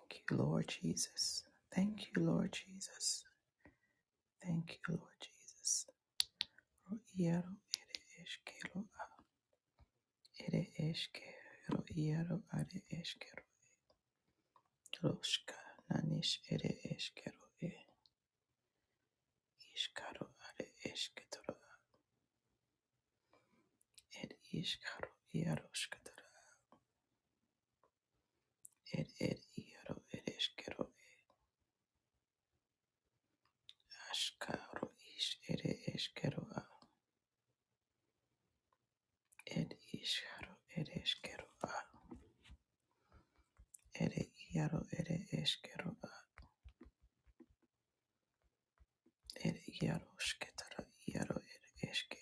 Thank you, Lord Jesus. Thank you, Lord Jesus. Thank you, Lord Jesus. Ro iaro ere eskero ere eskero iaro are eskero. Roska nanish ere eskero e iskaro are esketoro er iskaro iaro sketoro er er iaro ere eskero askaro is ere eskero a er iskaro ere eskero a ere iaro ere eskero a ere iarosketara iaro ere eske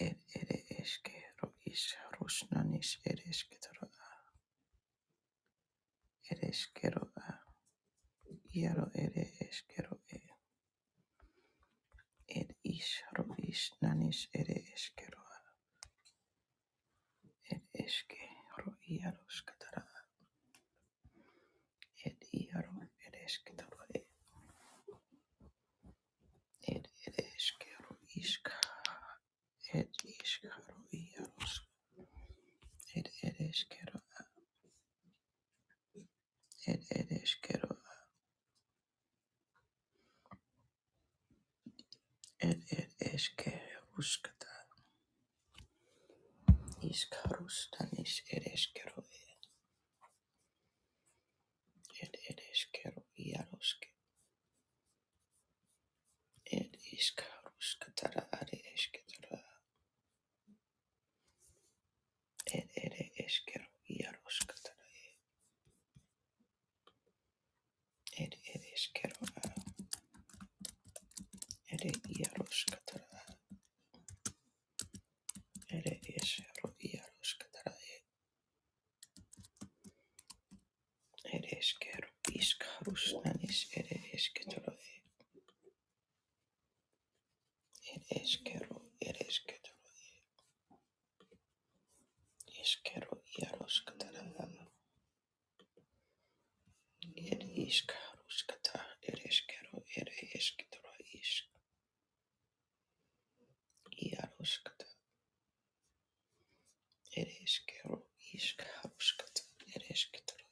er ere eskero is rusnanis eresketara ereskero a iaro ere eskero e er isro isnanis ere eskero a er eske ro iarosketara er iaro eresketara e er ere eskero iska er iskaro iaros er ereskero er ereskero er ereskero Iskarus tanis ereskero ed ereskero iaroske ed iskarus katara are esketara ed ere eskero iaros katara ed ereskero ere iaros katara ere eskero iaros katara ed eskero iskarus tanis ere esketara ed eskero eresketara eskero iaros katara ed iskarus katara ereskero ere esketara is Iaroskata ereskero iskaruskata eresketoro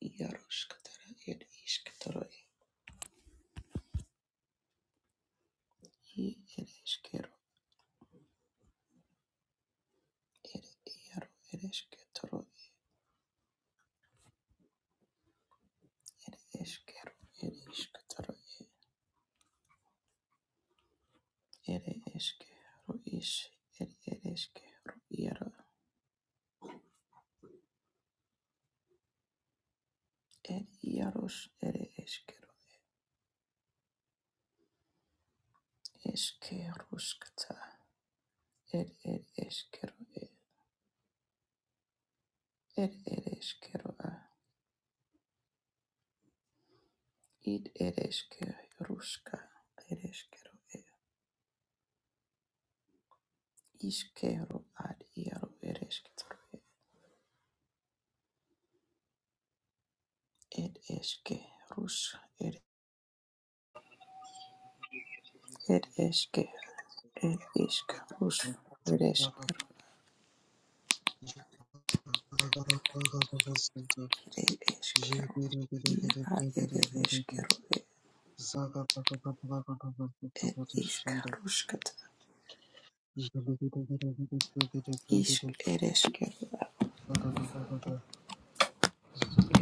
iaroskatara er isketoro I Yaroshkata, Ereshkero, Ishkaroshkata, Ereshketoro, Yaroshkatara, Ereshketoro, Ereshkero, Ere, Yaro, Ereshketoro, Ereshkero, Ereshketoro, Ereshkero, Ish, Ere, Ereshkero, Yaro, Ere, Yarosh, Ereshkero, Eshkeroshkata, Ere, Ereshkero, Ere, Ereshkero, Id, Ereshkero, Rushka, Iskero ad iaro ereskitoro ed eske rus ed ed eske ed isk rus ereskero ed eskero i ad ed eskero ed isk ruskat isk ereskero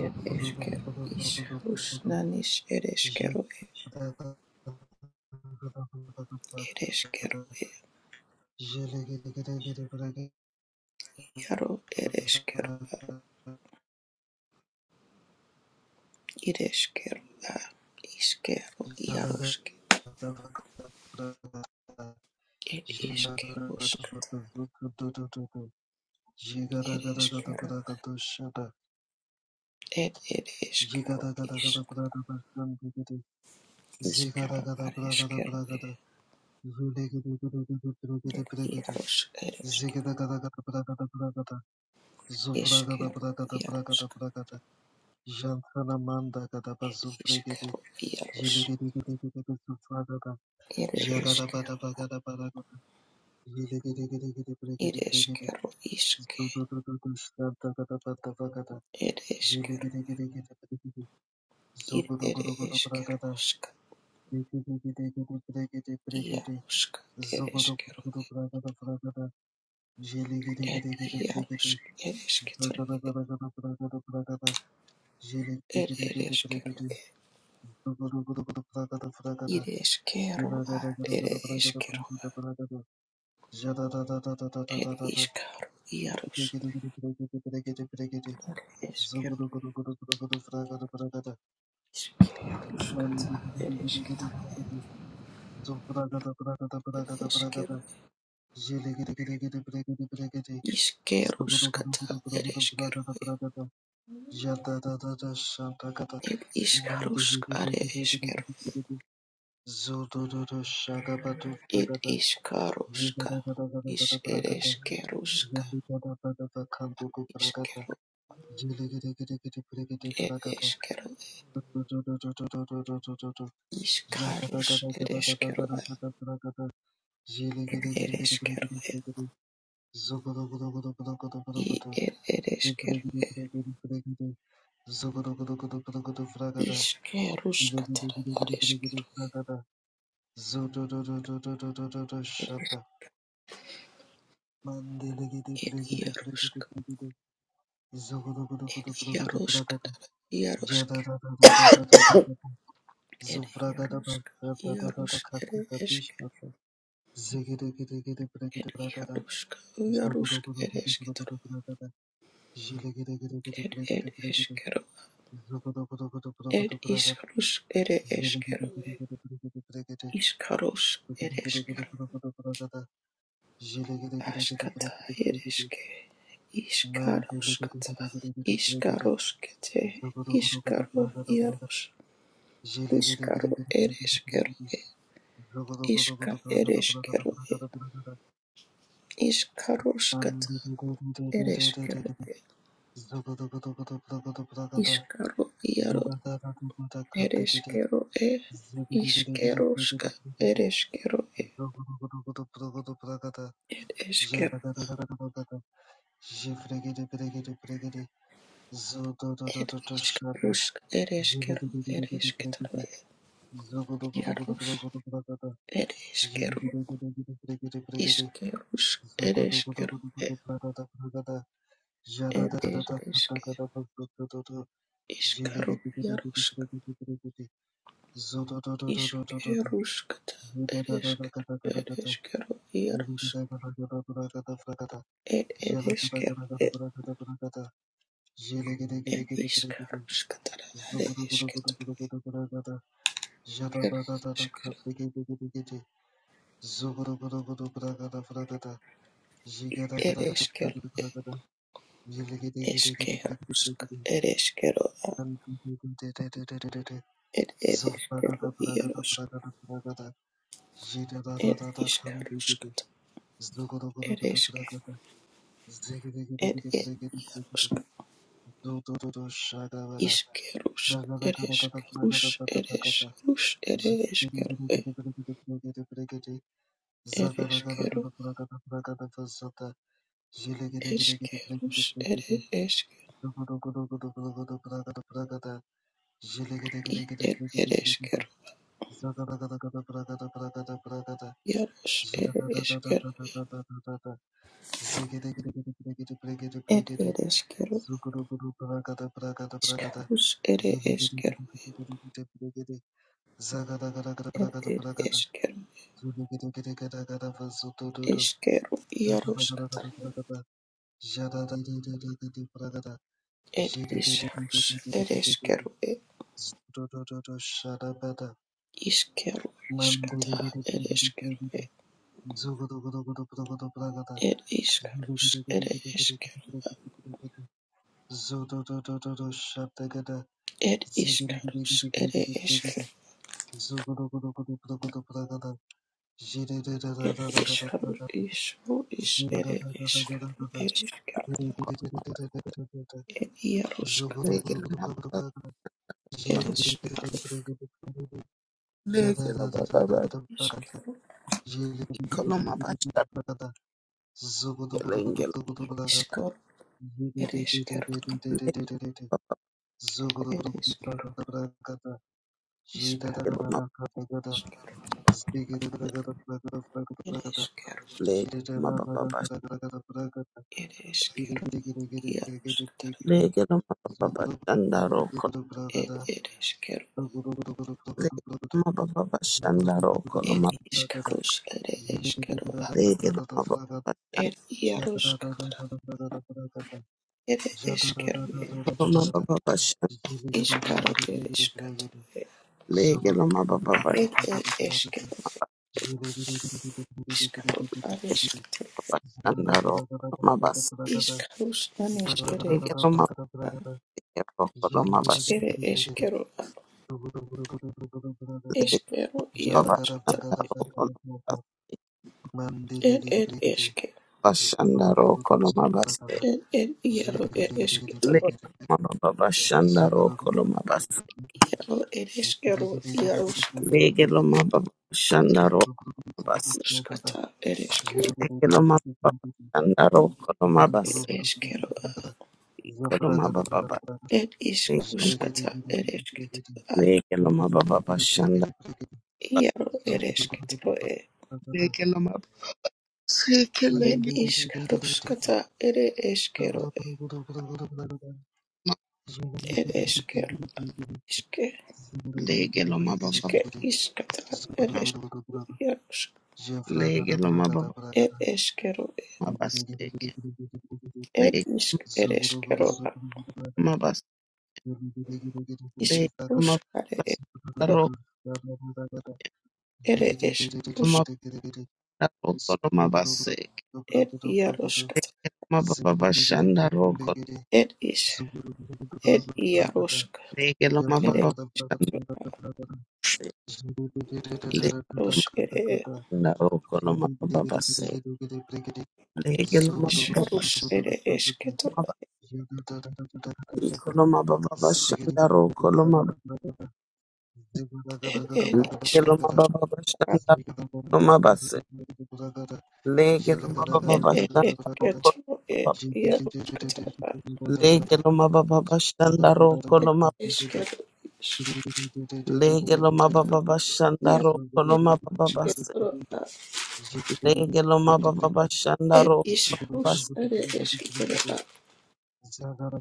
ed eskero is rus nanis ereskero ereskero iaro ereskero ireskero iskero iarosk ed iskerusk It is kero. It it is kero. Is is kero. It is kero. It is It is kero. Is kero. Iaros. Is kero. Is It is kero. It is kero. Iske. It is kero. It it is kerosk. Iarosk. It is kero. It iaros. It is kero. It it is kero. It is kero. It is kero. It is kero. Iaros. Eskero, iskeruskata, ereskero, ereskero, iskeruskata, ereskero, ed iskarusk, are eskero, ed iskaruska, is ereskeruska, iskero, ed eskero, iskarus, ereskero, ereskero, i ed ereskero, iskeruskata, ereskero, ed ierusk, ed ieruskata, ierusk. Ed Yarusk, Yarus, Ed Esk, Ed Yarusk, Yarusk, Ed Esketro, Ed Ed Eskero, Ed Iskarus, Ed Eskero, Iskarus, Ed Eskero, Askata, Ed Eske, Iskaruskata, Iskaruskete, Iskaru, Yarus, Iskaru, Ed Eskero, Iska, Ed Eskero, Iskaruskata, Ed Eskero, Iskaro, Ereshkigal, er ishkerushka, ereshkigal, ereshkigal, er ishkerushka, ereshkigal, ereshkigal, yarush, ereshkigal, ishkerush, ereshkigal, er ereshke, ishkaru, yarush, ishkerushkata, ereshkigal, ereshkigal, yarush, er ereshkigal, er er ishkarushkata, ereshkigal, ereshkigal, ereshkigal. Eskerosk, ereskero, ed ereskero, ierosk, er iskaruskata, ereske, er erosk, iskerusk, ereskerus, eresrus, ereskero, ereskero, eskerus, ere esker, i ed ereskero, ieros, ereskero, ed ereskero, iskarus, ereskero, er ereskero, eskero, ierosk, It ereskerue, iskeru, iskata, ereskerue, et iskarus, ere eskeru, et iskarus, ere eskeru, et iskarus, isu, is, ere eskeru, ereskeru, et iaruskata, Legelo mababa kono. ereskarus, Legelo mababa iskeru, ikolo mabasha kelengelo. iskaru, ereskeru, Legelo ereskeru, iskaru, mab iskaru, ereskeru, legelo mababa bash. ereskeru, iaruskata, Legelo mababa bashandaro kono. et ereskeru, Legelo mababa bashandaro kono. Ed Mab iscarus ere escero legelo mababa ed iarus catara ere eskero ed bashandaro mababa bash. iscaro ed escatoro Legelo mababa bash ed ed escero iscaro ad escatoro bashandaro kono mabas. iscarus anis Legelo mababa kono mabash. ere iscara ere escero eskero Legelo escero iarus catara bashandaro kono mabas. ed ed esce Bashandaro kono mabas. ed ed iaro ed escatoro Lego ma baba shanda roko lo ma bas. iaro ere eskero Lego lo ma baba shanda iarus roko ma bas. catara ere eskero Lego lo ma baba shanda roko lo ma ere bas. eskero ed escero Lego lo ma baba bas. Et iskaruskatsa eresketsa Lego lo ma baba bas shanda. bas. iaro eresketsaroe. Lego lo ma lego Et iskaruskatsa ere eskeroe. Et eskero iske lego ma lego lo ma baba iske iskatsa bas. eres Lego lo ma baba Et eskeroe. ma bas. Lego Et isk ereskeroa. ma bas. Lego ma Iskaruskare baba esketsa roko ere lo eskrus. ma roko lo ma bas. Lego Et iaruskatsa. ma baba bas shanda Et is et iarusk Lege lo ma ba ere ba se. Lege iarusk ere na ro ko lo ma ba ba ba se. Lege lo ma ba ba eskrus ere esketora. ba loma baba bashe. Na roko ba ba ba shanda Et ro ko lo et ma ba Lege isk. loma baba bashe. Na ba shanda lo ma ba se. Lege loma baba It it bashe. it get it Na roko loma yarush kataraba. bashe. Lege lo ma ba baba bashe. Na roko It loma. is get is Lege loma baba bashe. ma ba ba yarush ba se. kataraba. Lege loma ba ba Na It is roko. rus it is kataraba.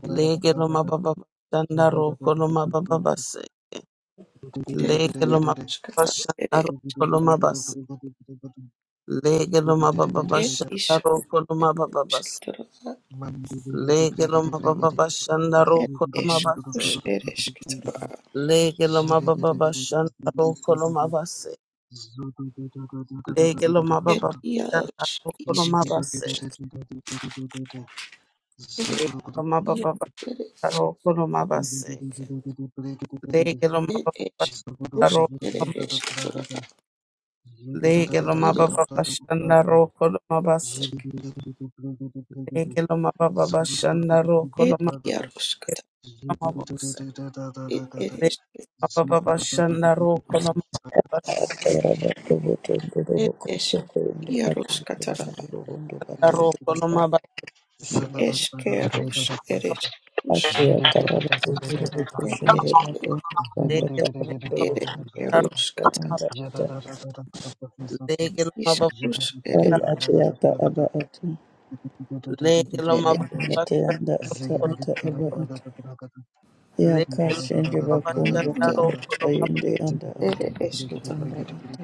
Lege lo mababa shanda roko lo mababa base. It Lege lo yarush mababa katar it shanda is roko lo katar. mabase. Lege lo mababa It shanda is rus roko lo it mababa is base. kataraba. Lege lo mababa shanda It roko lo is rus mabase. it is kataraba. Lege lo mababa shanda roko lo mabase. Lege lo It mababa shanda yarush roko lo is mabase. kataraba. Lege lo It mababa it shanda roko lo mabase. Lege lo mababa is shanda roko rus it is kataraba. Legelo It mababa bashanda roko mabase. Legelo mababa bashanda roko it yarush katar. mabose. It it is. Legelo mababa bashanda roko Rabato botondo robo Ed esk koshende ende mabashanda iaros atende katara banduro ondo batondo roko mabase. koshende eskeros ereskus ate ataraba ondo robo ed koshende eske rato kamba taraba robo ed kamba tuya eskeros kata anda ata Legelo mababa iskus ere ari ate ata aba atu legelo ere mababa ate anda ata ata aba atu ya legelo mababa bashanda roko legelo kashende mababa iske bakondo bashanda tanda iaros roko tayende anda atu ere esketara anda ata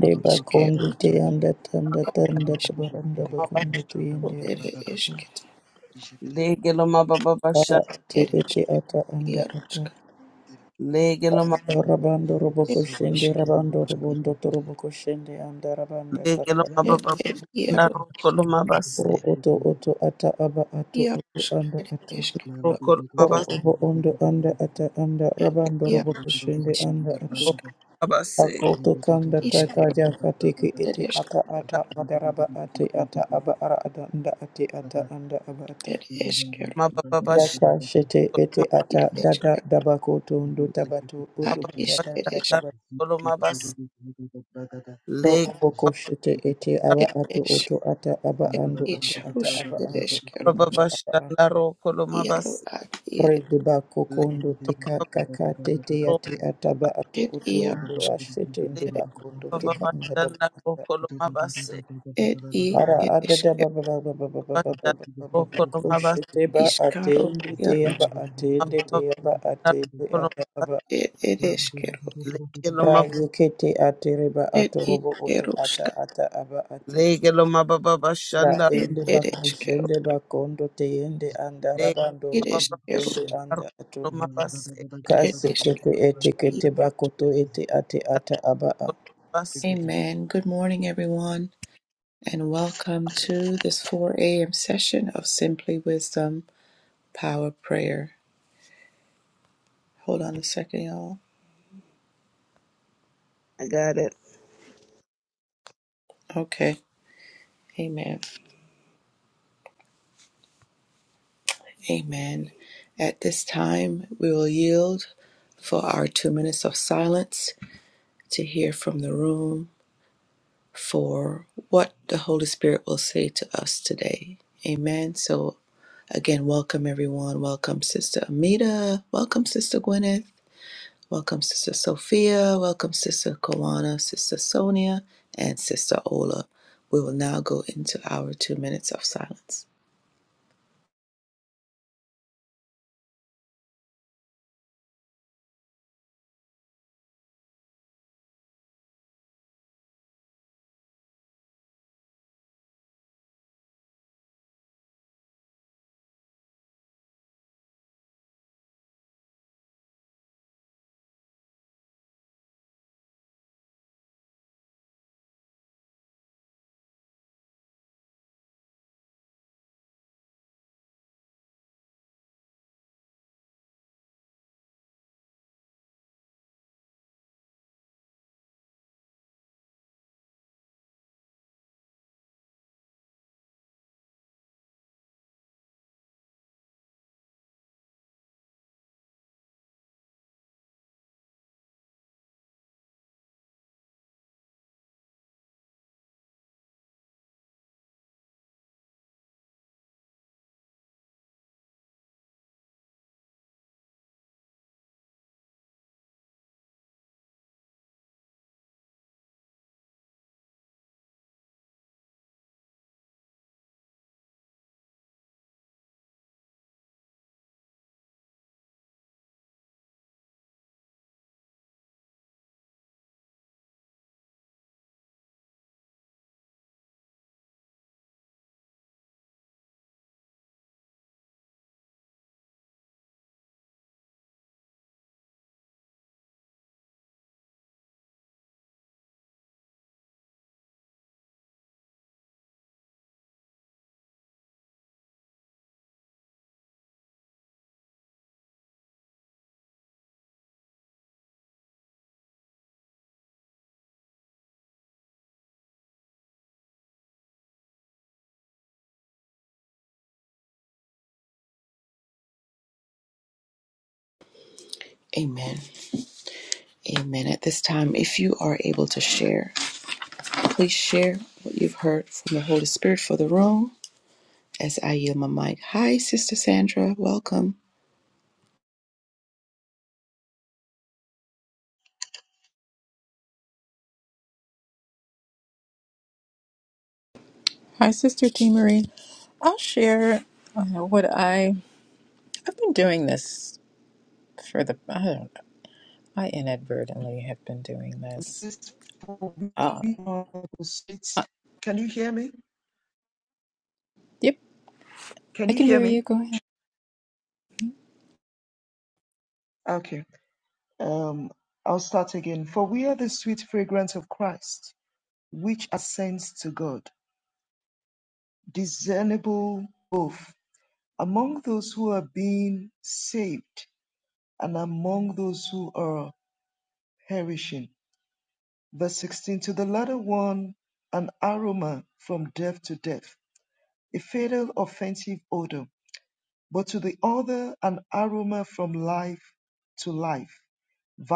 de bakondo iskerus te anda tanda ed tanda isko tabaranda mabase. bakondo tuyende ere esketara Legelo mababa bashanda Ati eres iti ata anda iaros ata. kata legelo mababa Rabando roboko ed shende isk rabando robondo to roboko shende anda rabanda legelo tata. ed mababa ed bashanda iaros roko mabase. Oro oto oto ata aba ato oto iaros anda ere ato. esketara Oro obo ondo anda ata anda ed rabando roboko iaros shende anda iskerus ato. Okorobabase, Akoto kanda tata iskerus jaka tiki iti eres ata ata adaraba ati ata aba ara ada anda ati ata anda aba ato. ed eskero Mabababasha, Yaka shete ete ata id dada eskero dabako tondo Mabababasha, tabato oto ad butata nda is tabato. Kolomabas, Ro Leg, oboko shete ete aba It ato is oto ata aba it ando oto is ata Rus aba it ando is Ker oto ata aba Mabababasha, ando. Naro, Iaro Kolomabas, at Re it deba Leg, kondo tika Mababaro, kaka tete ate ataba ato it oto Iaro ondo ashete Leg, ndeba it kondo is tika nda Mababasha, daba Naro, ata. Kolomabase, it i Ara it ada is daba Ker baba baba baba Mabasha, baba baba Naro, baba Kolomabas, koshete ba ate Iskaro ndete aba Iaros ate ndete Mabababasha, aba ate ate Kolomabas, aba it it is Kero Leg, Ra Lomab, yekete ate reba it ato is robo oto ata Keruska ata aba ato. Leg, Lomabababasha, Ra Naro, it ende it bako is Kero bakondo te anda Leg, rabando it robo is Mabababasha, shende Kerus Naro, anda ato. Kolomabase, it Kase is kete Kero. ete kete Leg, bakoto ete ate ata aba a. Kolomabase. Amen. Good morning everyone and welcome to this 4 a.m. session of Simply Wisdom Power Prayer. Hold on a second y'all. I got Okay. Amen. Amen. At this time, we will yield for our two minutes of silence to hear from the room for what the Holy Spirit will say to us today. Amen. So, again, welcome everyone. Welcome, Sister Amita. Welcome, Sister Gwyneth. Welcome, Sister Sophia. Welcome, Sister Kawana, Sister Sonia, and Sister Ola. We will now go into our two minutes of silence. Amen. Amen. At this time, if you are able to share, Please share what you've heard from the Holy Spirit for the room as I yield my mic. Hi, Sister Sandra. Welcome. Hi, Sister T. Marie. I'll share uh, what I I've been doing this for the I don't know. I inadvertently have been doing this. Uh, uh, yep, I can hear you. Go ahead. Anna from death, a photo, but life to vanish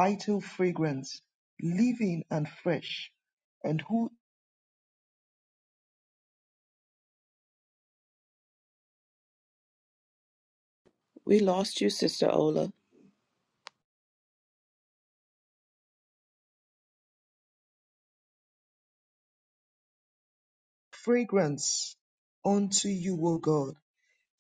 and We lost you, Sister Ola. fragrance unto you, O God.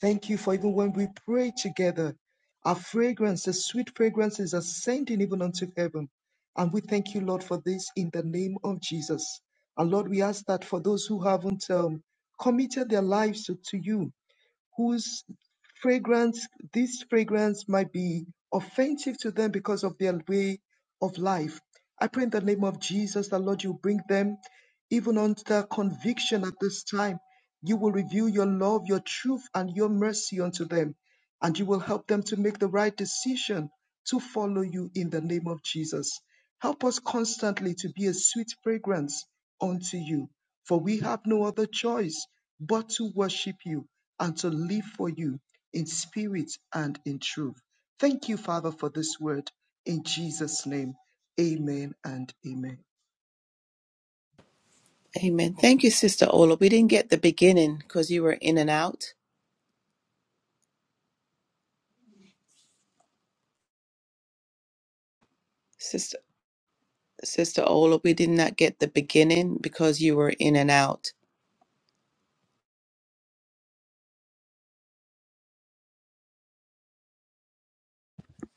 Thank you for even when we pray together, our fragrance, the sweet fragrance is ascending even unto heaven. And we thank you, Lord, for this in the name of Jesus. And Lord, we ask that for those who haven't um, committed their lives to, to you, whose fragrance, this fragrance might be offensive to them because of their way of life. I pray in the name of Jesus that Lord, you bring them even under conviction at this time. You will reveal your love, your truth, and your mercy unto them, and you will help them to make the right decision to follow you in the name of Jesus. Help us constantly to be a sweet fragrance unto you, for we have no other choice but to worship you and to live for you in spirit. Amen. Thank you, Sister Ola. We didn't get the beginning because you were in and out. Sister Sister Ola, we did not get the beginning because you were in and out.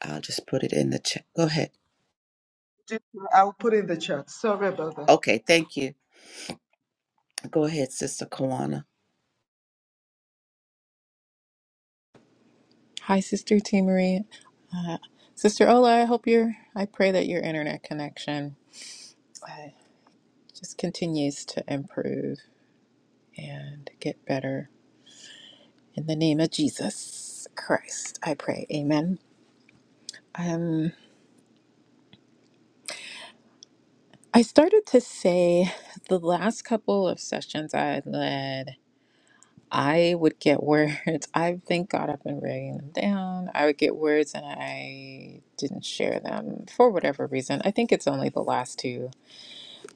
I'll just put it in the chat. Go ahead. I'll put in the chat. Sorry about that. Okay, thank you. Go ahead, Sister Kawana. Hi, Sister T. Marie. Uh, Sister Ola, I hope your I pray that your internet connection uh, just continues to improve and get better. In the name of Jesus Christ, I pray. Amen. Um. I started to say the last couple of sessions I had led, I would get words. I thank God I've been writing them down. I would get words and I didn't share them for whatever reason. I think it's only the last two.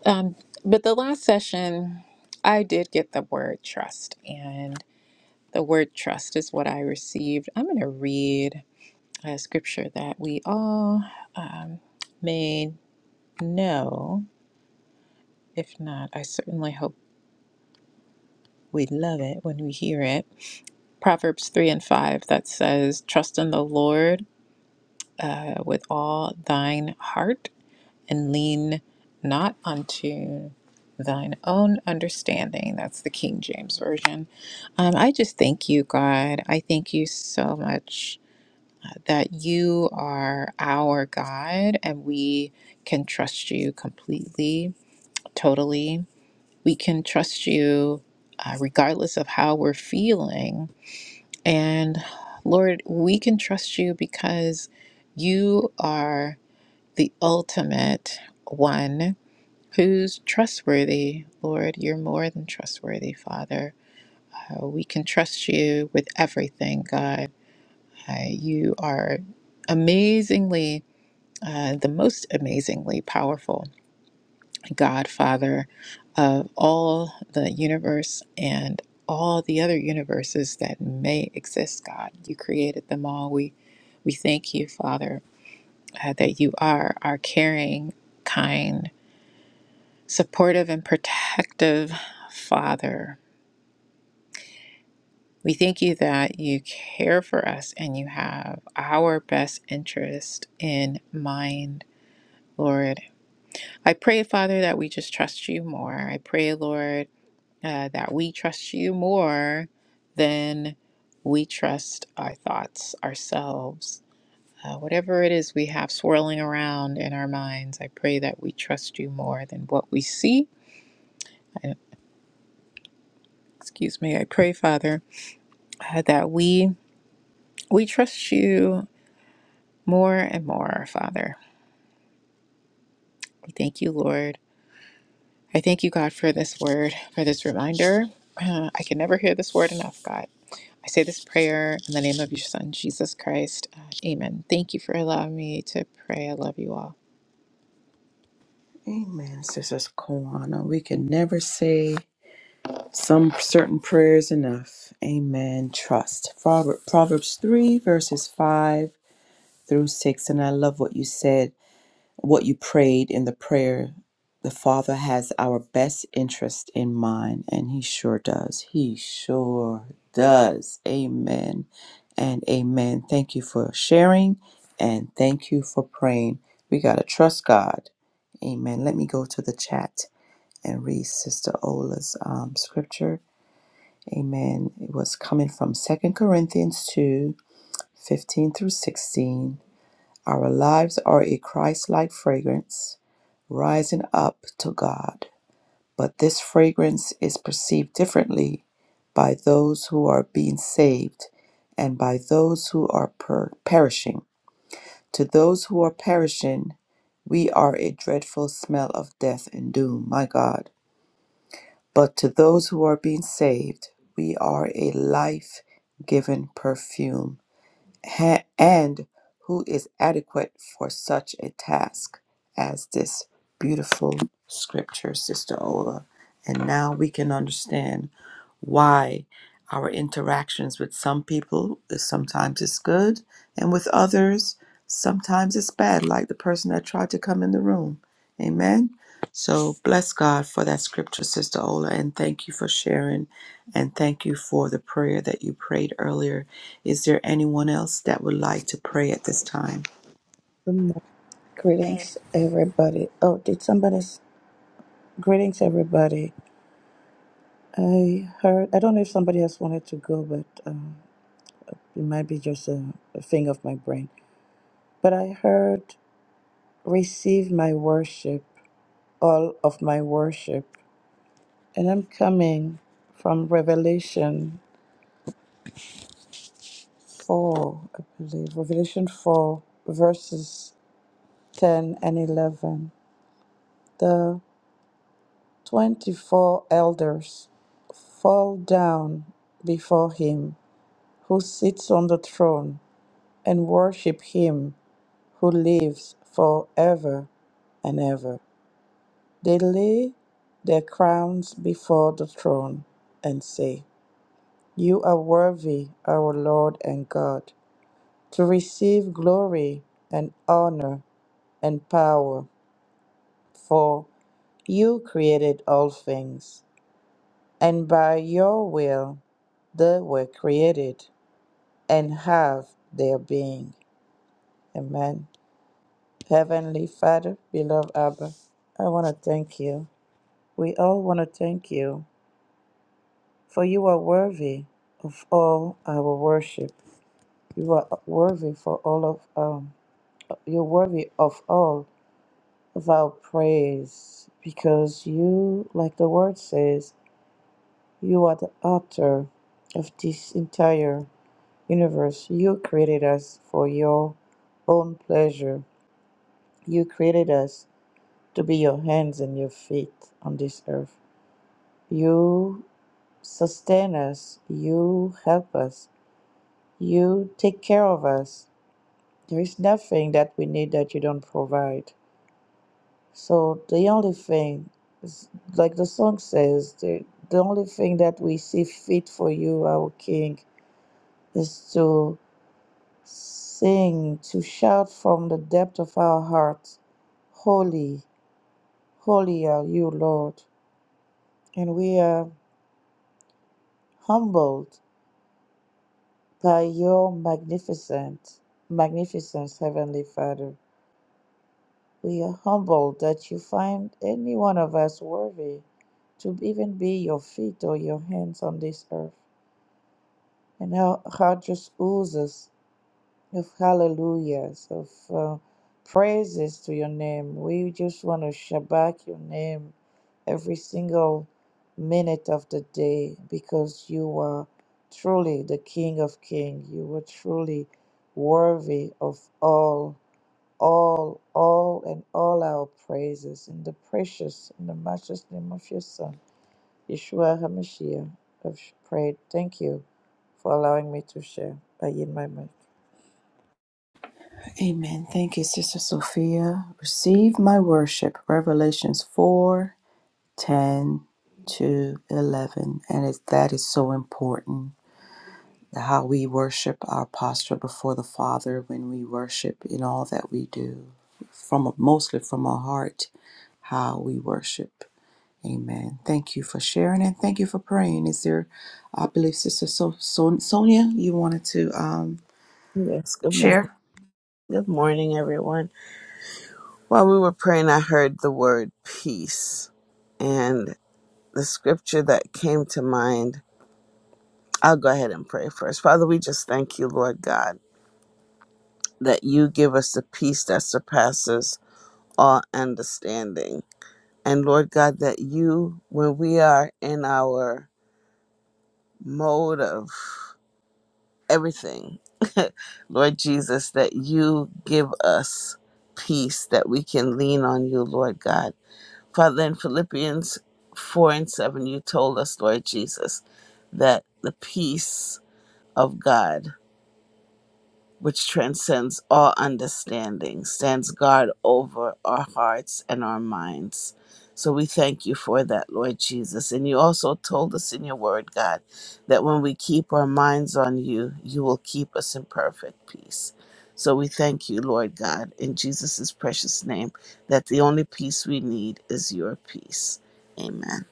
Um, but the last session, I did get the word trust. And the word trust is what I received. I'm going to read a scripture that we all um, may know. If not, I certainly hope. We love it when we hear it. Proverbs 3 and 5 that says, Trust in the Lord uh, with all thine heart and lean not unto thine own understanding. That's the King James Version. Um, I just thank you, God. I thank you so much that you are our God and we can trust you completely, totally. We can trust you uh, regardless of how we're feeling And Lord, we can trust you because you are the ultimate one who's trustworthy. Lord, you're more than trustworthy, Father. Uh, we can trust you with everything, God. Uh, you are amazingly, uh, the most amazingly powerful Godfather of all the universe and all the other universes that may exist, God. You created them all. We we thank you, Father, uh, that you are our caring, kind, supportive, and protective Father. We thank you that you care for us and you have our best interest in mind, Lord. I pray, Father, that we just trust you more. I pray, Lord uh, that we trust you more than we trust our thoughts, ourselves. Uh, whatever it is we have swirling around in our minds, I pray that we trust you more than what we see. I, excuse me, I pray, Father, uh, that we we trust you more and more, Father. We thank you, Lord I thank you, God, for this word, for this reminder. Uh, I can never hear this word enough, God. I say this prayer in the name of your Son, Jesus Christ. Uh, amen. Thank you for allowing me to pray. I love you all. Amen, Sister Kawana. We can never say Some certain prayers enough. Amen. Trust. Prover- Proverbs 3, verses 5 through 6. And I love what you said, what you prayed in the prayer. The Father has our best interest in mind, and He sure does. He sure does. Amen and amen. Thank you for sharing and thank you for praying. We got to trust God. Amen. Let me go to the chat and read Sister Ola's um, scripture. Amen. It was coming from Second Corinthians 2, 15 through 16. Our lives are a Christ like fragrance rising up to God, but this fragrance is perceived differently by those who are being saved and by those who are per- perishing. To those who are perishing, we are a dreadful smell of death and doom. My God. But to those who are being saved, we are a life giving perfume ha- and who is adequate for such a task as this beautiful scripture, Sister Ola. And now we can understand why our interactions with some people is sometimes it's good, and with others sometimes it's bad, like the person that tried to come in the room. Amen. So bless God for that scripture, Sister Ola, and thank you for sharing, and thank you for the prayer that you prayed earlier is there anyone else that would like to pray at this time? it. Greetings, everybody. Oh, did somebody? s- Greetings, everybody. I heard. I don't know if somebody else wanted to go, but um, it might be just a, a thing of my brain. But I heard, receive my worship, all of my worship. And I'm coming from Revelation 4, I believe. Revelation 4, verses 10 and 11. The 24 elders fall down before him who sits on the throne and worship him who lives forever and ever. They lay their crowns before the throne and say, You are worthy, our Lord and God to receive glory and honor and power. For you created all things, and by your will they were created and have their being. Amen. Heavenly Father, beloved Abba, I want to thank you. We all want to thank you, for you are worthy of all our worship. You are worthy for all of um, you're worthy of all Of our praise, because you, like the word says, you are the author of this entire universe. You created us for your own pleasure. You created us to be your hands and your feet on this earth. You sustain us. You help us. You take care of us. There is nothing that we need that you don't provide. So the only thing, is, like the song says, the, the only thing that we see fit for you, our King, is to sing, to shout from the depth of our hearts, Holy, holy are you, Lord. And we are humbled by your magnificent, magnificence, Heavenly Father. We are humbled that you find any one of us worthy to even be your feet or your hands on this earth. and how God just oozes of hallelujahs, of uh, praises to your name. We just want to shabak your name every single minute of the day because you are truly the King of Kings. You are truly worthy of all, all, all, and all our praises in the precious and the matchless name of your Son. Yeshua HaMashiach, have prayed. Thank you for allowing me to share. I yield my mic. Amen. Thank you, Sister Sophia. Receive my worship. Revelations 4:10 to 11. And it, that is so important how we worship our posture before the Father when we worship in all that we do, from mostly from our heart, how we worship. Amen. Thank you for sharing and thank you for praying. Is there, I believe, Sister so- so- Sonia, you wanted to. Um, Yes, good morning. share. Good morning, everyone. While we were praying, I heard the word peace. And the scripture that came to mind, I'll go ahead and pray first. Father, we just thank you, Lord God, that you give us the peace that surpasses all understanding. And Lord God, that you, when we are in our mode of everything, Lord Jesus, that you give us peace that we can lean on you, Lord God Father, in Philippians 4 and 7, you told us, Lord Jesus, that the peace of God which transcends all understanding, stands guard over our hearts and our minds. So we thank you for that, Lord Jesus. And you also told us in your word, God, that when we keep our minds on you, you will keep us in perfect peace. So we thank you, Lord God, in Jesus' precious name, that the only peace we need is your peace. Amen.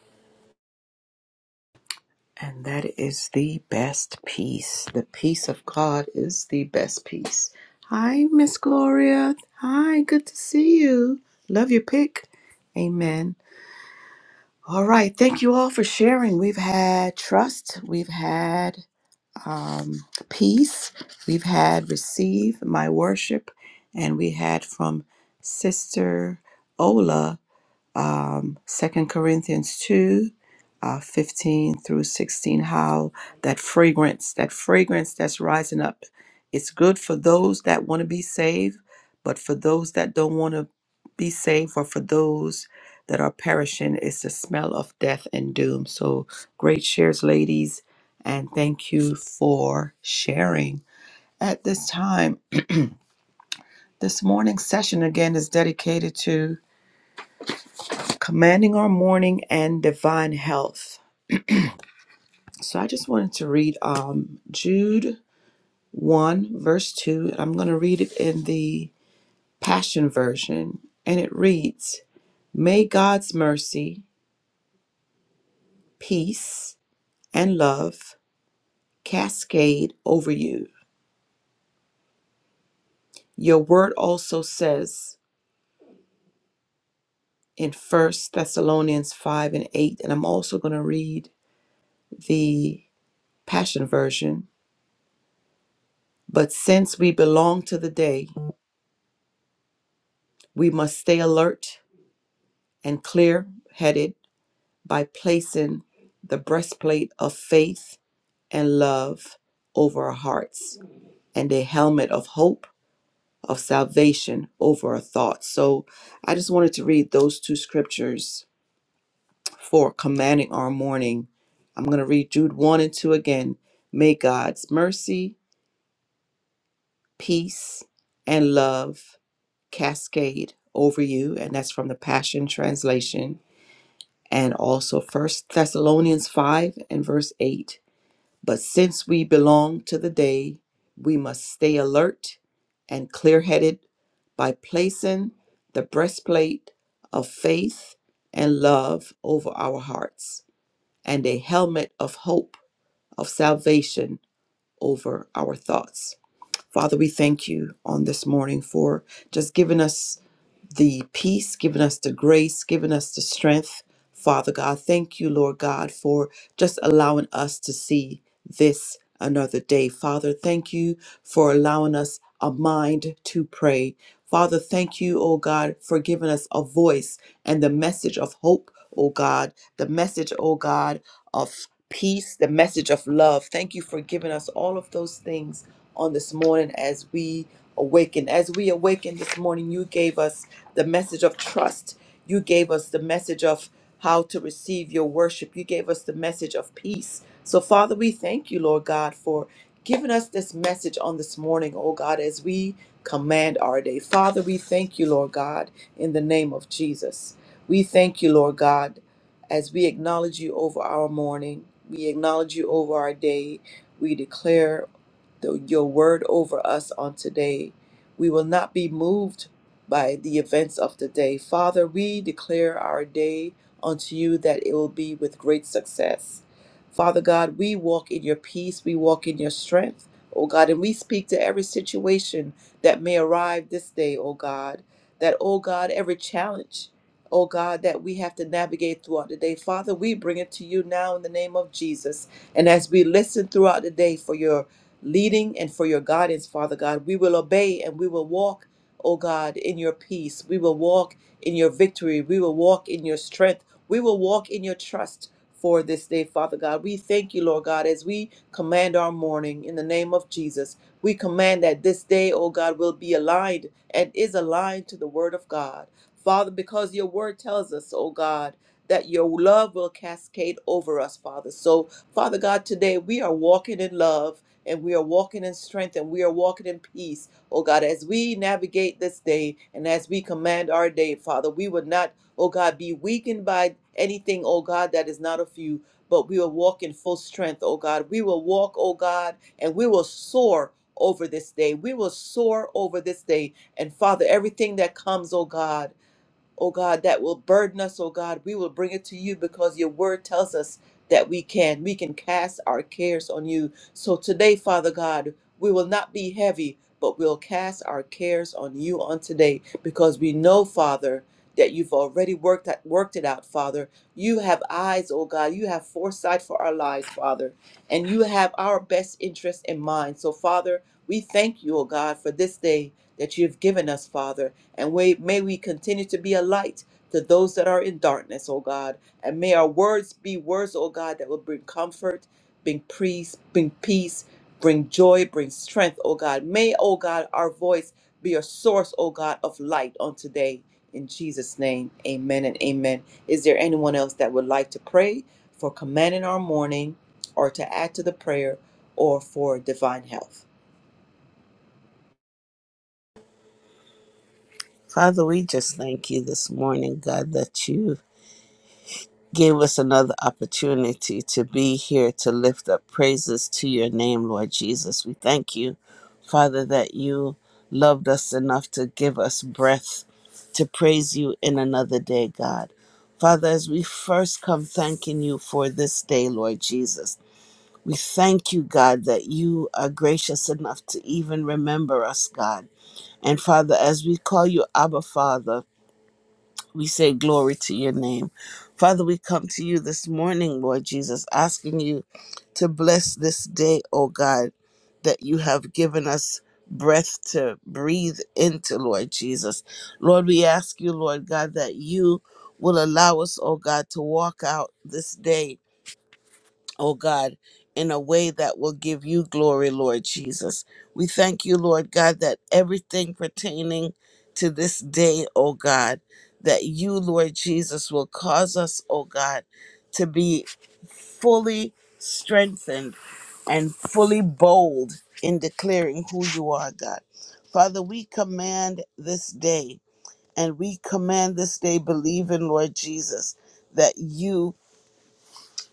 And that is the best peace. The peace of God is the best peace. Hi, Miss Gloria. Hi, good to see you. Love your pick. Amen. All right. Thank you all for sharing. We've had trust. We've had um, peace. We've had receive my worship. And we had from Sister Ola um, 2 Corinthians 2, uh, 15 through 16, how that fragrance, that fragrance that's rising up, it's good for those that want to be saved, but for those that don't want to be saved or for those that are perishing, it's the smell of death and doom. So great shares, ladies, and thank you for sharing. At this time, this morning's session again is dedicated to. commanding our morning and divine health. So I just wanted to read um, Jude 1, verse 2. I'm going to read it in the Passion Version, and it reads May God's mercy, peace, and love cascade over you. Your word also says in First Thessalonians 5 and 8, and I'm also going to read the Passion Version. But since we belong to the day, we must stay alert and clear headed by placing the breastplate of faith and love over our hearts and a helmet of hope of salvation over our thoughts. So I just wanted to read those two scriptures for commanding our morning. I'm going to read Jude 1 and 2 again. May God's mercy, peace, and love cascade over you. And that's from the Passion Translation. and also First Thessalonians 5 and verse 8. But since we belong to the day, we must stay alert and clear headed by placing the breastplate of faith and love over our hearts and a helmet of hope of salvation over our thoughts. Father, we thank you on this morning for just giving us the peace, giving us the grace, giving us the strength. Father God, thank you, Lord God, for just allowing us to see this another day. Father, thank you for allowing us a mind to pray. Father, thank you, oh God, for giving us a voice and the message of hope, oh God, the message, oh God, of peace, the message of love. Thank you for giving us all of those things on this morning as we awaken. As we awaken this morning, you gave us the message of trust. You gave us the message of how to receive your worship. You gave us the message of peace. So, Father, we thank you, Lord God, for giving us this message on this morning, oh God, as we command our day. Father, we thank you, Lord God, in the name of Jesus. We thank you, Lord God, as we acknowledge you over our morning. We acknowledge you over our day. We declare the, your word over us on today. We will not be moved by the events of the day. Father, we declare our day unto you that it will be with great success. Father God, we walk in your peace, we walk in your strength, oh God, and we speak to every situation that may arrive this day, oh God, that, oh God, every challenge. Oh God, that we have to navigate throughout the day. Father, we bring it to you now in the name of Jesus. And as we listen throughout the day for your leading and for your guidance, Father God. We will obey and we will walk, O God, in your peace. We will walk in your victory. We will walk in your strength. We will walk in your trust for this day, Father God. We thank you, Lord God, as we command our morning in the name of Jesus. We command that this day, O God, will be aligned and is aligned to the word of God. Father, because your word tells us, O God, that your love will cascade over us, Father. So, Father God, today we are walking in love and we are walking in strength and we are walking in peace. Oh God, as we navigate this day and as we command our day, Father, we would not, oh God, be weakened by anything, oh God, that is not of you, but we will walk in full strength, oh God. We will walk, oh God, and we will soar over this day. We will soar over this day. And Father, everything that comes, oh God, oh God, that will burden us, oh God, we will bring it to you because your word tells us that we can. We can cast our cares on you. So today, Father God, we will not be heavy, but we'll cast our cares on you on today because we know, Father, that you've already worked that worked it out, Father. You have eyes, oh God. You have foresight for our lives, Father. And you have our best interest in mind. So, Father, we thank you, oh God, for this day that you've given us, Father. And we, may we continue to be a light to those that are in darkness, O God. And may our words be words, O God, that will bring comfort, bring peace, bring peace, bring joy, bring strength, O God. May, O God, our voice be a source, O God, of light on today. In Jesus' name, amen and amen. Is there anyone else that would like to pray for command in our morning or to add to the prayer or for divine health? Father, we just thank you this morning, God, that you Give us another opportunity to be here to lift up praises to your name, Lord Jesus. We thank you, Father, that you loved us enough to give us breath to praise you in another day, God. Father, as we first come thanking you for this day, Lord Jesus, we thank you, God, that you are gracious enough to even remember us, God. And Father, as we call you Abba Father, we say glory to your name. Father, we come to you this morning, Lord Jesus, asking you to bless this day, oh God, that you have given us breath to breathe into, Lord Jesus. Lord, we ask you, Lord God, that you will allow us, oh God, to walk out this day oh God, in a way that will give you glory, Lord Jesus. We thank you, Lord God, that everything pertaining to this day, oh God, that you, Lord Jesus, will cause us, oh God, to be fully strengthened and fully bold in declaring who you are, God. Father, we command this day and we command this day believing, Lord Jesus, that you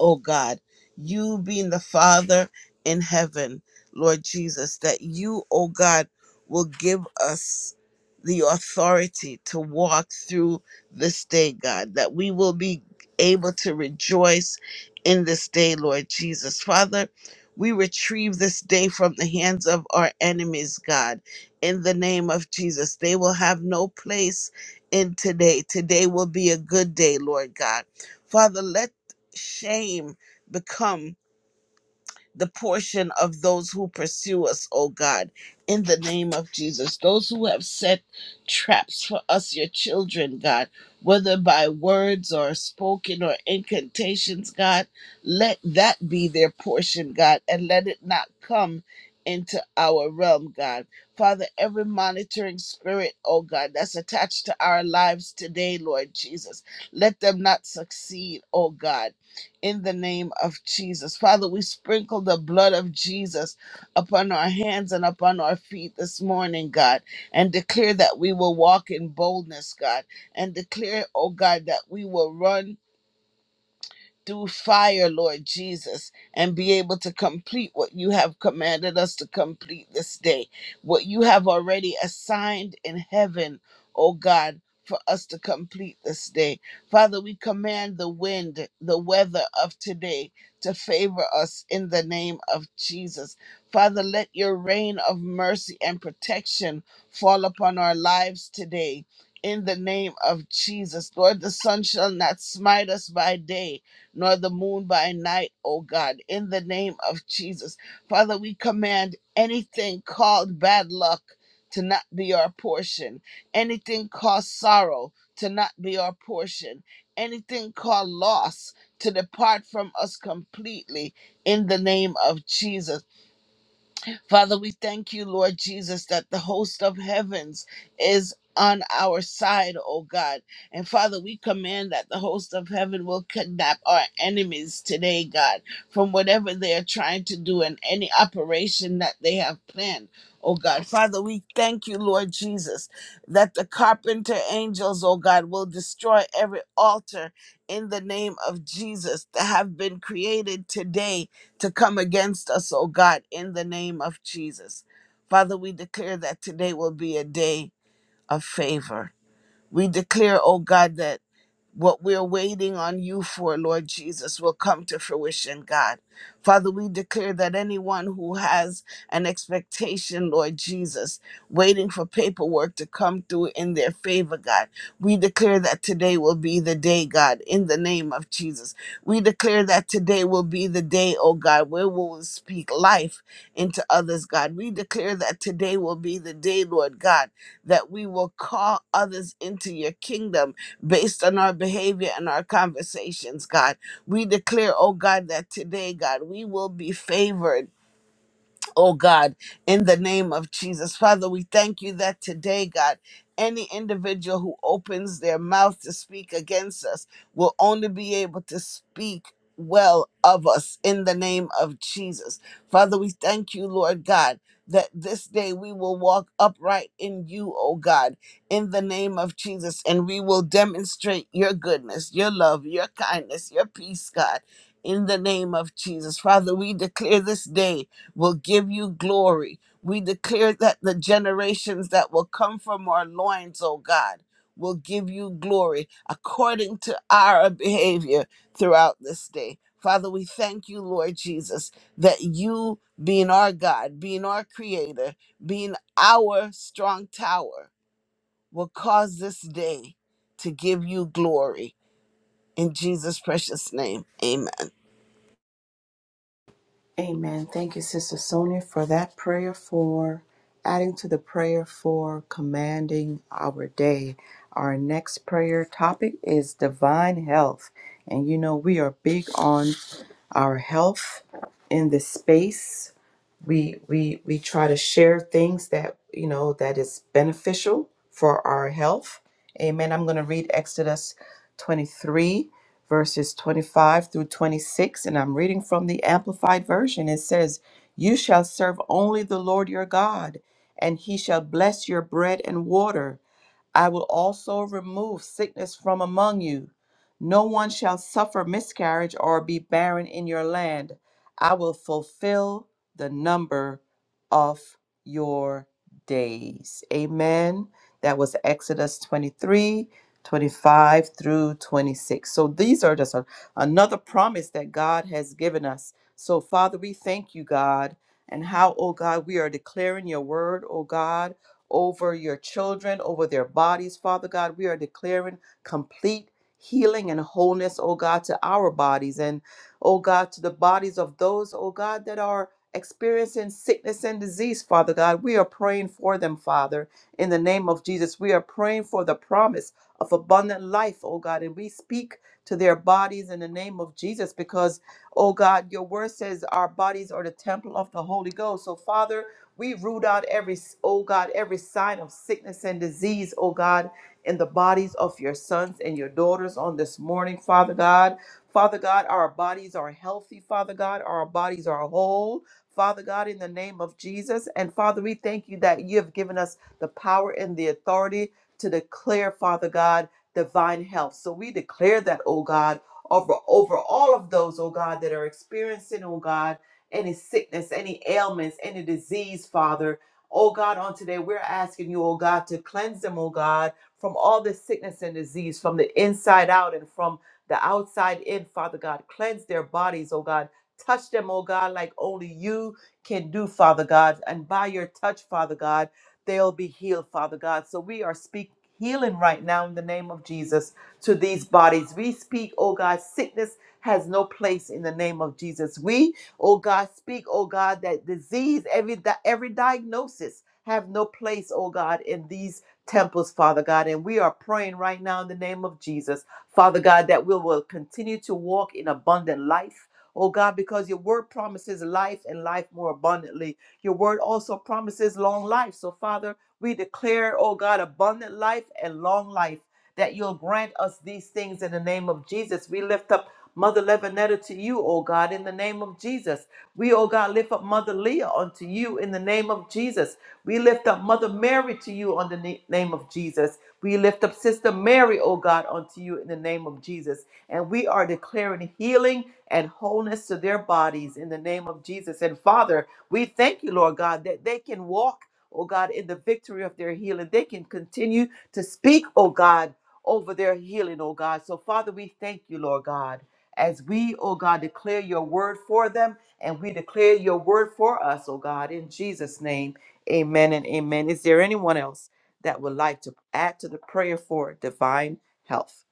oh God, you being the Father in heaven, Lord Jesus, that you, oh God, will give us the authority to walk through this day, God, that we will be able to rejoice in this day, Lord Jesus. Father, we retrieve this day from the hands of our enemies, God, in the name of Jesus. They will have no place in today. Today will be a good day, Lord God. Father, let shame become the portion of those who pursue us, O God, in the name of Jesus. Those who have set traps for us, your children, God, whether by words or spoken or incantations, God, let that be their portion, God, and let it not come into our realm, God. Father, every monitoring spirit, oh God, that's attached to our lives today, Lord Jesus, let them not succeed, oh God in the name of Jesus. Father, we sprinkle the blood of Jesus upon our hands and upon our feet this morning, God, and declare that we will walk in boldness, God, and declare, oh God, that we will run through fire, Lord Jesus, and be able to complete what you have commanded us to complete this day, what you have already assigned in heaven, oh God. For us to complete this day. Father, we command the wind, the weather of today to favor us in the name of Jesus. Father, let your rain of mercy and protection fall upon our lives today in the name of Jesus. Lord, the sun shall not smite us by day, nor the moon by night, O God, in the name of Jesus. Father, we command anything called bad luck to not be our portion, anything called sorrow to not be our portion, anything called loss to depart from us completely in the name of Jesus. Father, we thank you, Lord Jesus, that the host of heavens is on our side, oh God. And Father, we command that the host of heaven will kidnap our enemies today, God, from whatever they are trying to do and any operation that they have planned. Oh God, Father, we thank you, Lord Jesus, that the carpenter angels, oh God, will destroy every altar in the name of Jesus that have been created today to come against us, oh God, in the name of Jesus. Father, we declare that today will be a day of favor. We declare, oh God, that what we're waiting on you for, Lord Jesus, will come to fruition, God. Father, we declare that anyone who has an expectation, Lord Jesus, waiting for paperwork to come through in their favor, God, we declare that today will be the day, God, in the name of Jesus. We declare that today will be the day, oh God, where we will speak life into others, God. We declare that today will be the day, Lord God, that we will call others into your kingdom based on our behavior and our conversations, God. We declare, oh God, that today, God, we will be favored oh God, in the name of Jesus. Father, we thank you that today, God, any individual who opens their mouth to speak against us will only be able to speak well of us in the name of Jesus. Father, we thank you, Lord God. That this day we will walk upright in you, oh God, in the name of Jesus, and we will demonstrate your goodness, your love, your kindness, your peace, God, in the name of Jesus. Father, we declare this day will give you glory. We declare that the generations that will come from our loins, O God, will give you glory according to our behavior throughout this day. Father, we thank you, Lord Jesus, that you, being our God, being our creator, being our strong tower, will cause this day to give you glory. In Jesus' precious name, amen. Amen. Thank you, Sister Sonia, for that prayer for adding to the prayer for commanding our day. Our next prayer topic is divine health. And you know, we are big on our health in this space. We we we try to share things that you know that is beneficial for our health. Amen. I'm going to read Exodus 23 verses 25 through 26, and I'm reading from the Amplified Version. It says, You shall serve only the Lord your God, and he shall bless your bread and water. I will also remove sickness from among you. No one shall suffer miscarriage or be barren in your land. I will fulfill the number of your days. Amen. That was Exodus 23, 25 through 26. So these are just a- another promise that God has given us. So, Father, we thank you, God, and how, oh God, we are declaring your word, oh God over your children, over their bodies, Father God. We are declaring complete healing and wholeness, oh God, to our bodies and, oh God, to the bodies of those, oh God, that are experiencing sickness and disease, Father God. We are praying for them, Father, in the name of Jesus. We are praying for the promise of abundant life, oh God, and we speak to their bodies in the name of Jesus because, oh God, your word says our bodies are the temple of the Holy Ghost. So, Father, we root out every, oh God, every sign of sickness and disease, oh God, in the bodies of your sons and your daughters on this morning, Father God. Father God, our bodies are healthy, Father God, our bodies are whole. Father God, in the name of Jesus. And Father, we thank you that you have given us the power and the authority to declare, Father God, divine health. So we declare that, oh God, over, over all of those, oh God, that are experiencing, oh God, any sickness, any ailments, any disease, Father. Oh God, on today, we're asking you, oh God, to cleanse them, oh God, from all this sickness and disease, from the inside out and from the outside in, Father God. Cleanse their bodies, oh God. Touch them, oh God, like only you can do, Father God. And by your touch, Father God, they'll be healed, Father God. So we are speaking healing right now in the name of Jesus to these bodies. We speak, oh God, sickness has no place in the name of Jesus. We Oh God, speak, oh God, that disease, every di- every diagnosis have no place, oh God, in these temples, Father God. And we are praying right now in the name of Jesus, Father God, that we will continue to walk in abundant life. Oh God, because your word promises life and life more abundantly. Your word also promises long life. So, Father, we declare, oh God, abundant life and long life that you'll grant us these things in the name of Jesus. We lift up Mother Levinetta to you, O God, in the name of Jesus. We, O God, lift up Mother Leah unto you in the name of Jesus. We lift up Mother Mary to you on the na- name of Jesus. We lift up Sister Mary, O God, unto you in the name of Jesus. And we are declaring healing and wholeness to their bodies in the name of Jesus. And Father, we thank you, Lord God, that they can walk, O God, in the victory of their healing. They can continue to speak, O God over their healing, oh God. So, Father, we thank you, Lord God, as we, oh God, declare your word for them and we declare your word for us, oh God, in Jesus' name. Amen and amen. Is there anyone else that would like to add to the prayer for divine health?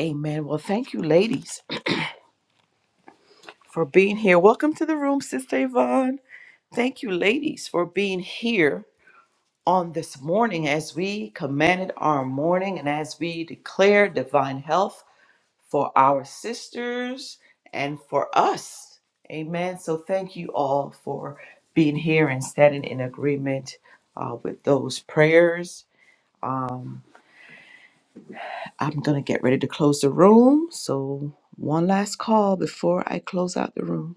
Amen. Well, thank you, ladies, for being here. Welcome to the room, Sister Yvonne. Thank you, ladies, for being here on this morning as we commanded our morning and as we declare divine health for our sisters and for us. Amen. So thank you all for being here and standing in agreement uh, with those prayers. Um, I'm going to get ready to close the room. So, one last call before I close out the room.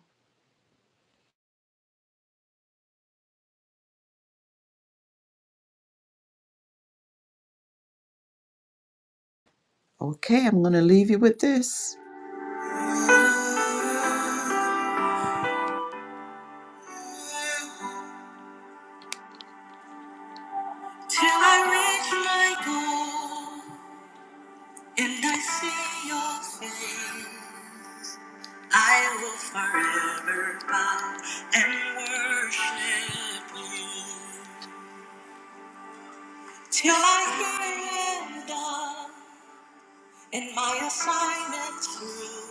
Okay, I'm going to leave you with this. Till I reach my goal and I see your face. I will forever bow and worship you till I hear it done and my assignment through.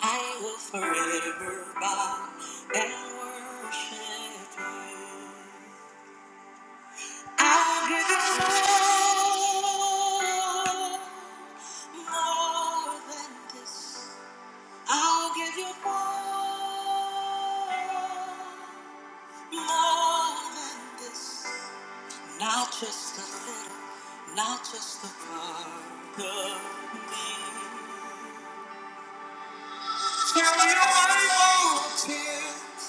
I will forever bow and worship you. I'll give you more, more than this. I'll give you more. More than this, not just a little, not just a part of me. So you are more tears,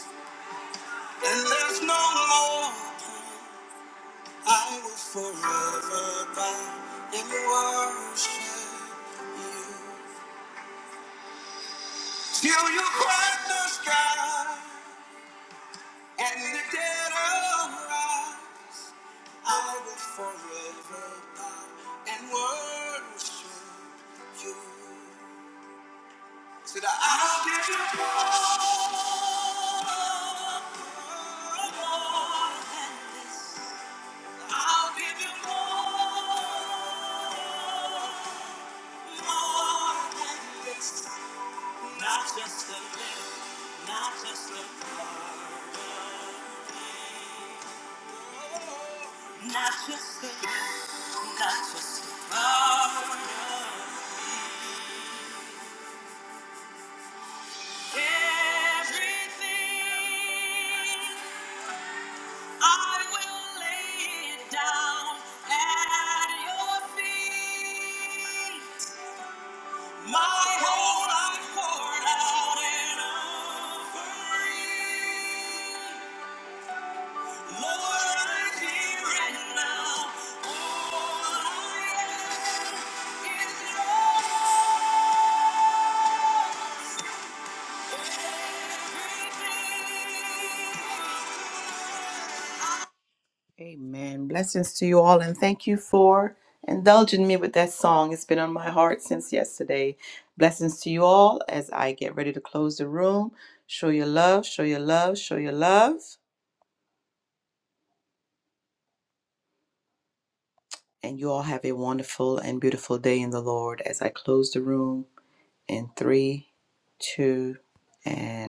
and there's no more. I will forever bow and worship you. Till you crack the sky and the dead arise. I will forever bow and worship you. So that I'll give you more more than this. I'll give you more, more than this. Not just a little, not just a part of me. Not just a little, not just a part of me. everything. I will lay it down at your feet. My whole life poured out in offering. Amen. Blessings to you all, and thank you for indulging me with that song. It's been on my heart since yesterday. Blessings to you all as I get ready to close the room. Show your love, show your love, show your love. And you all have a wonderful and beautiful day in the Lord as I close the room. in three, two, and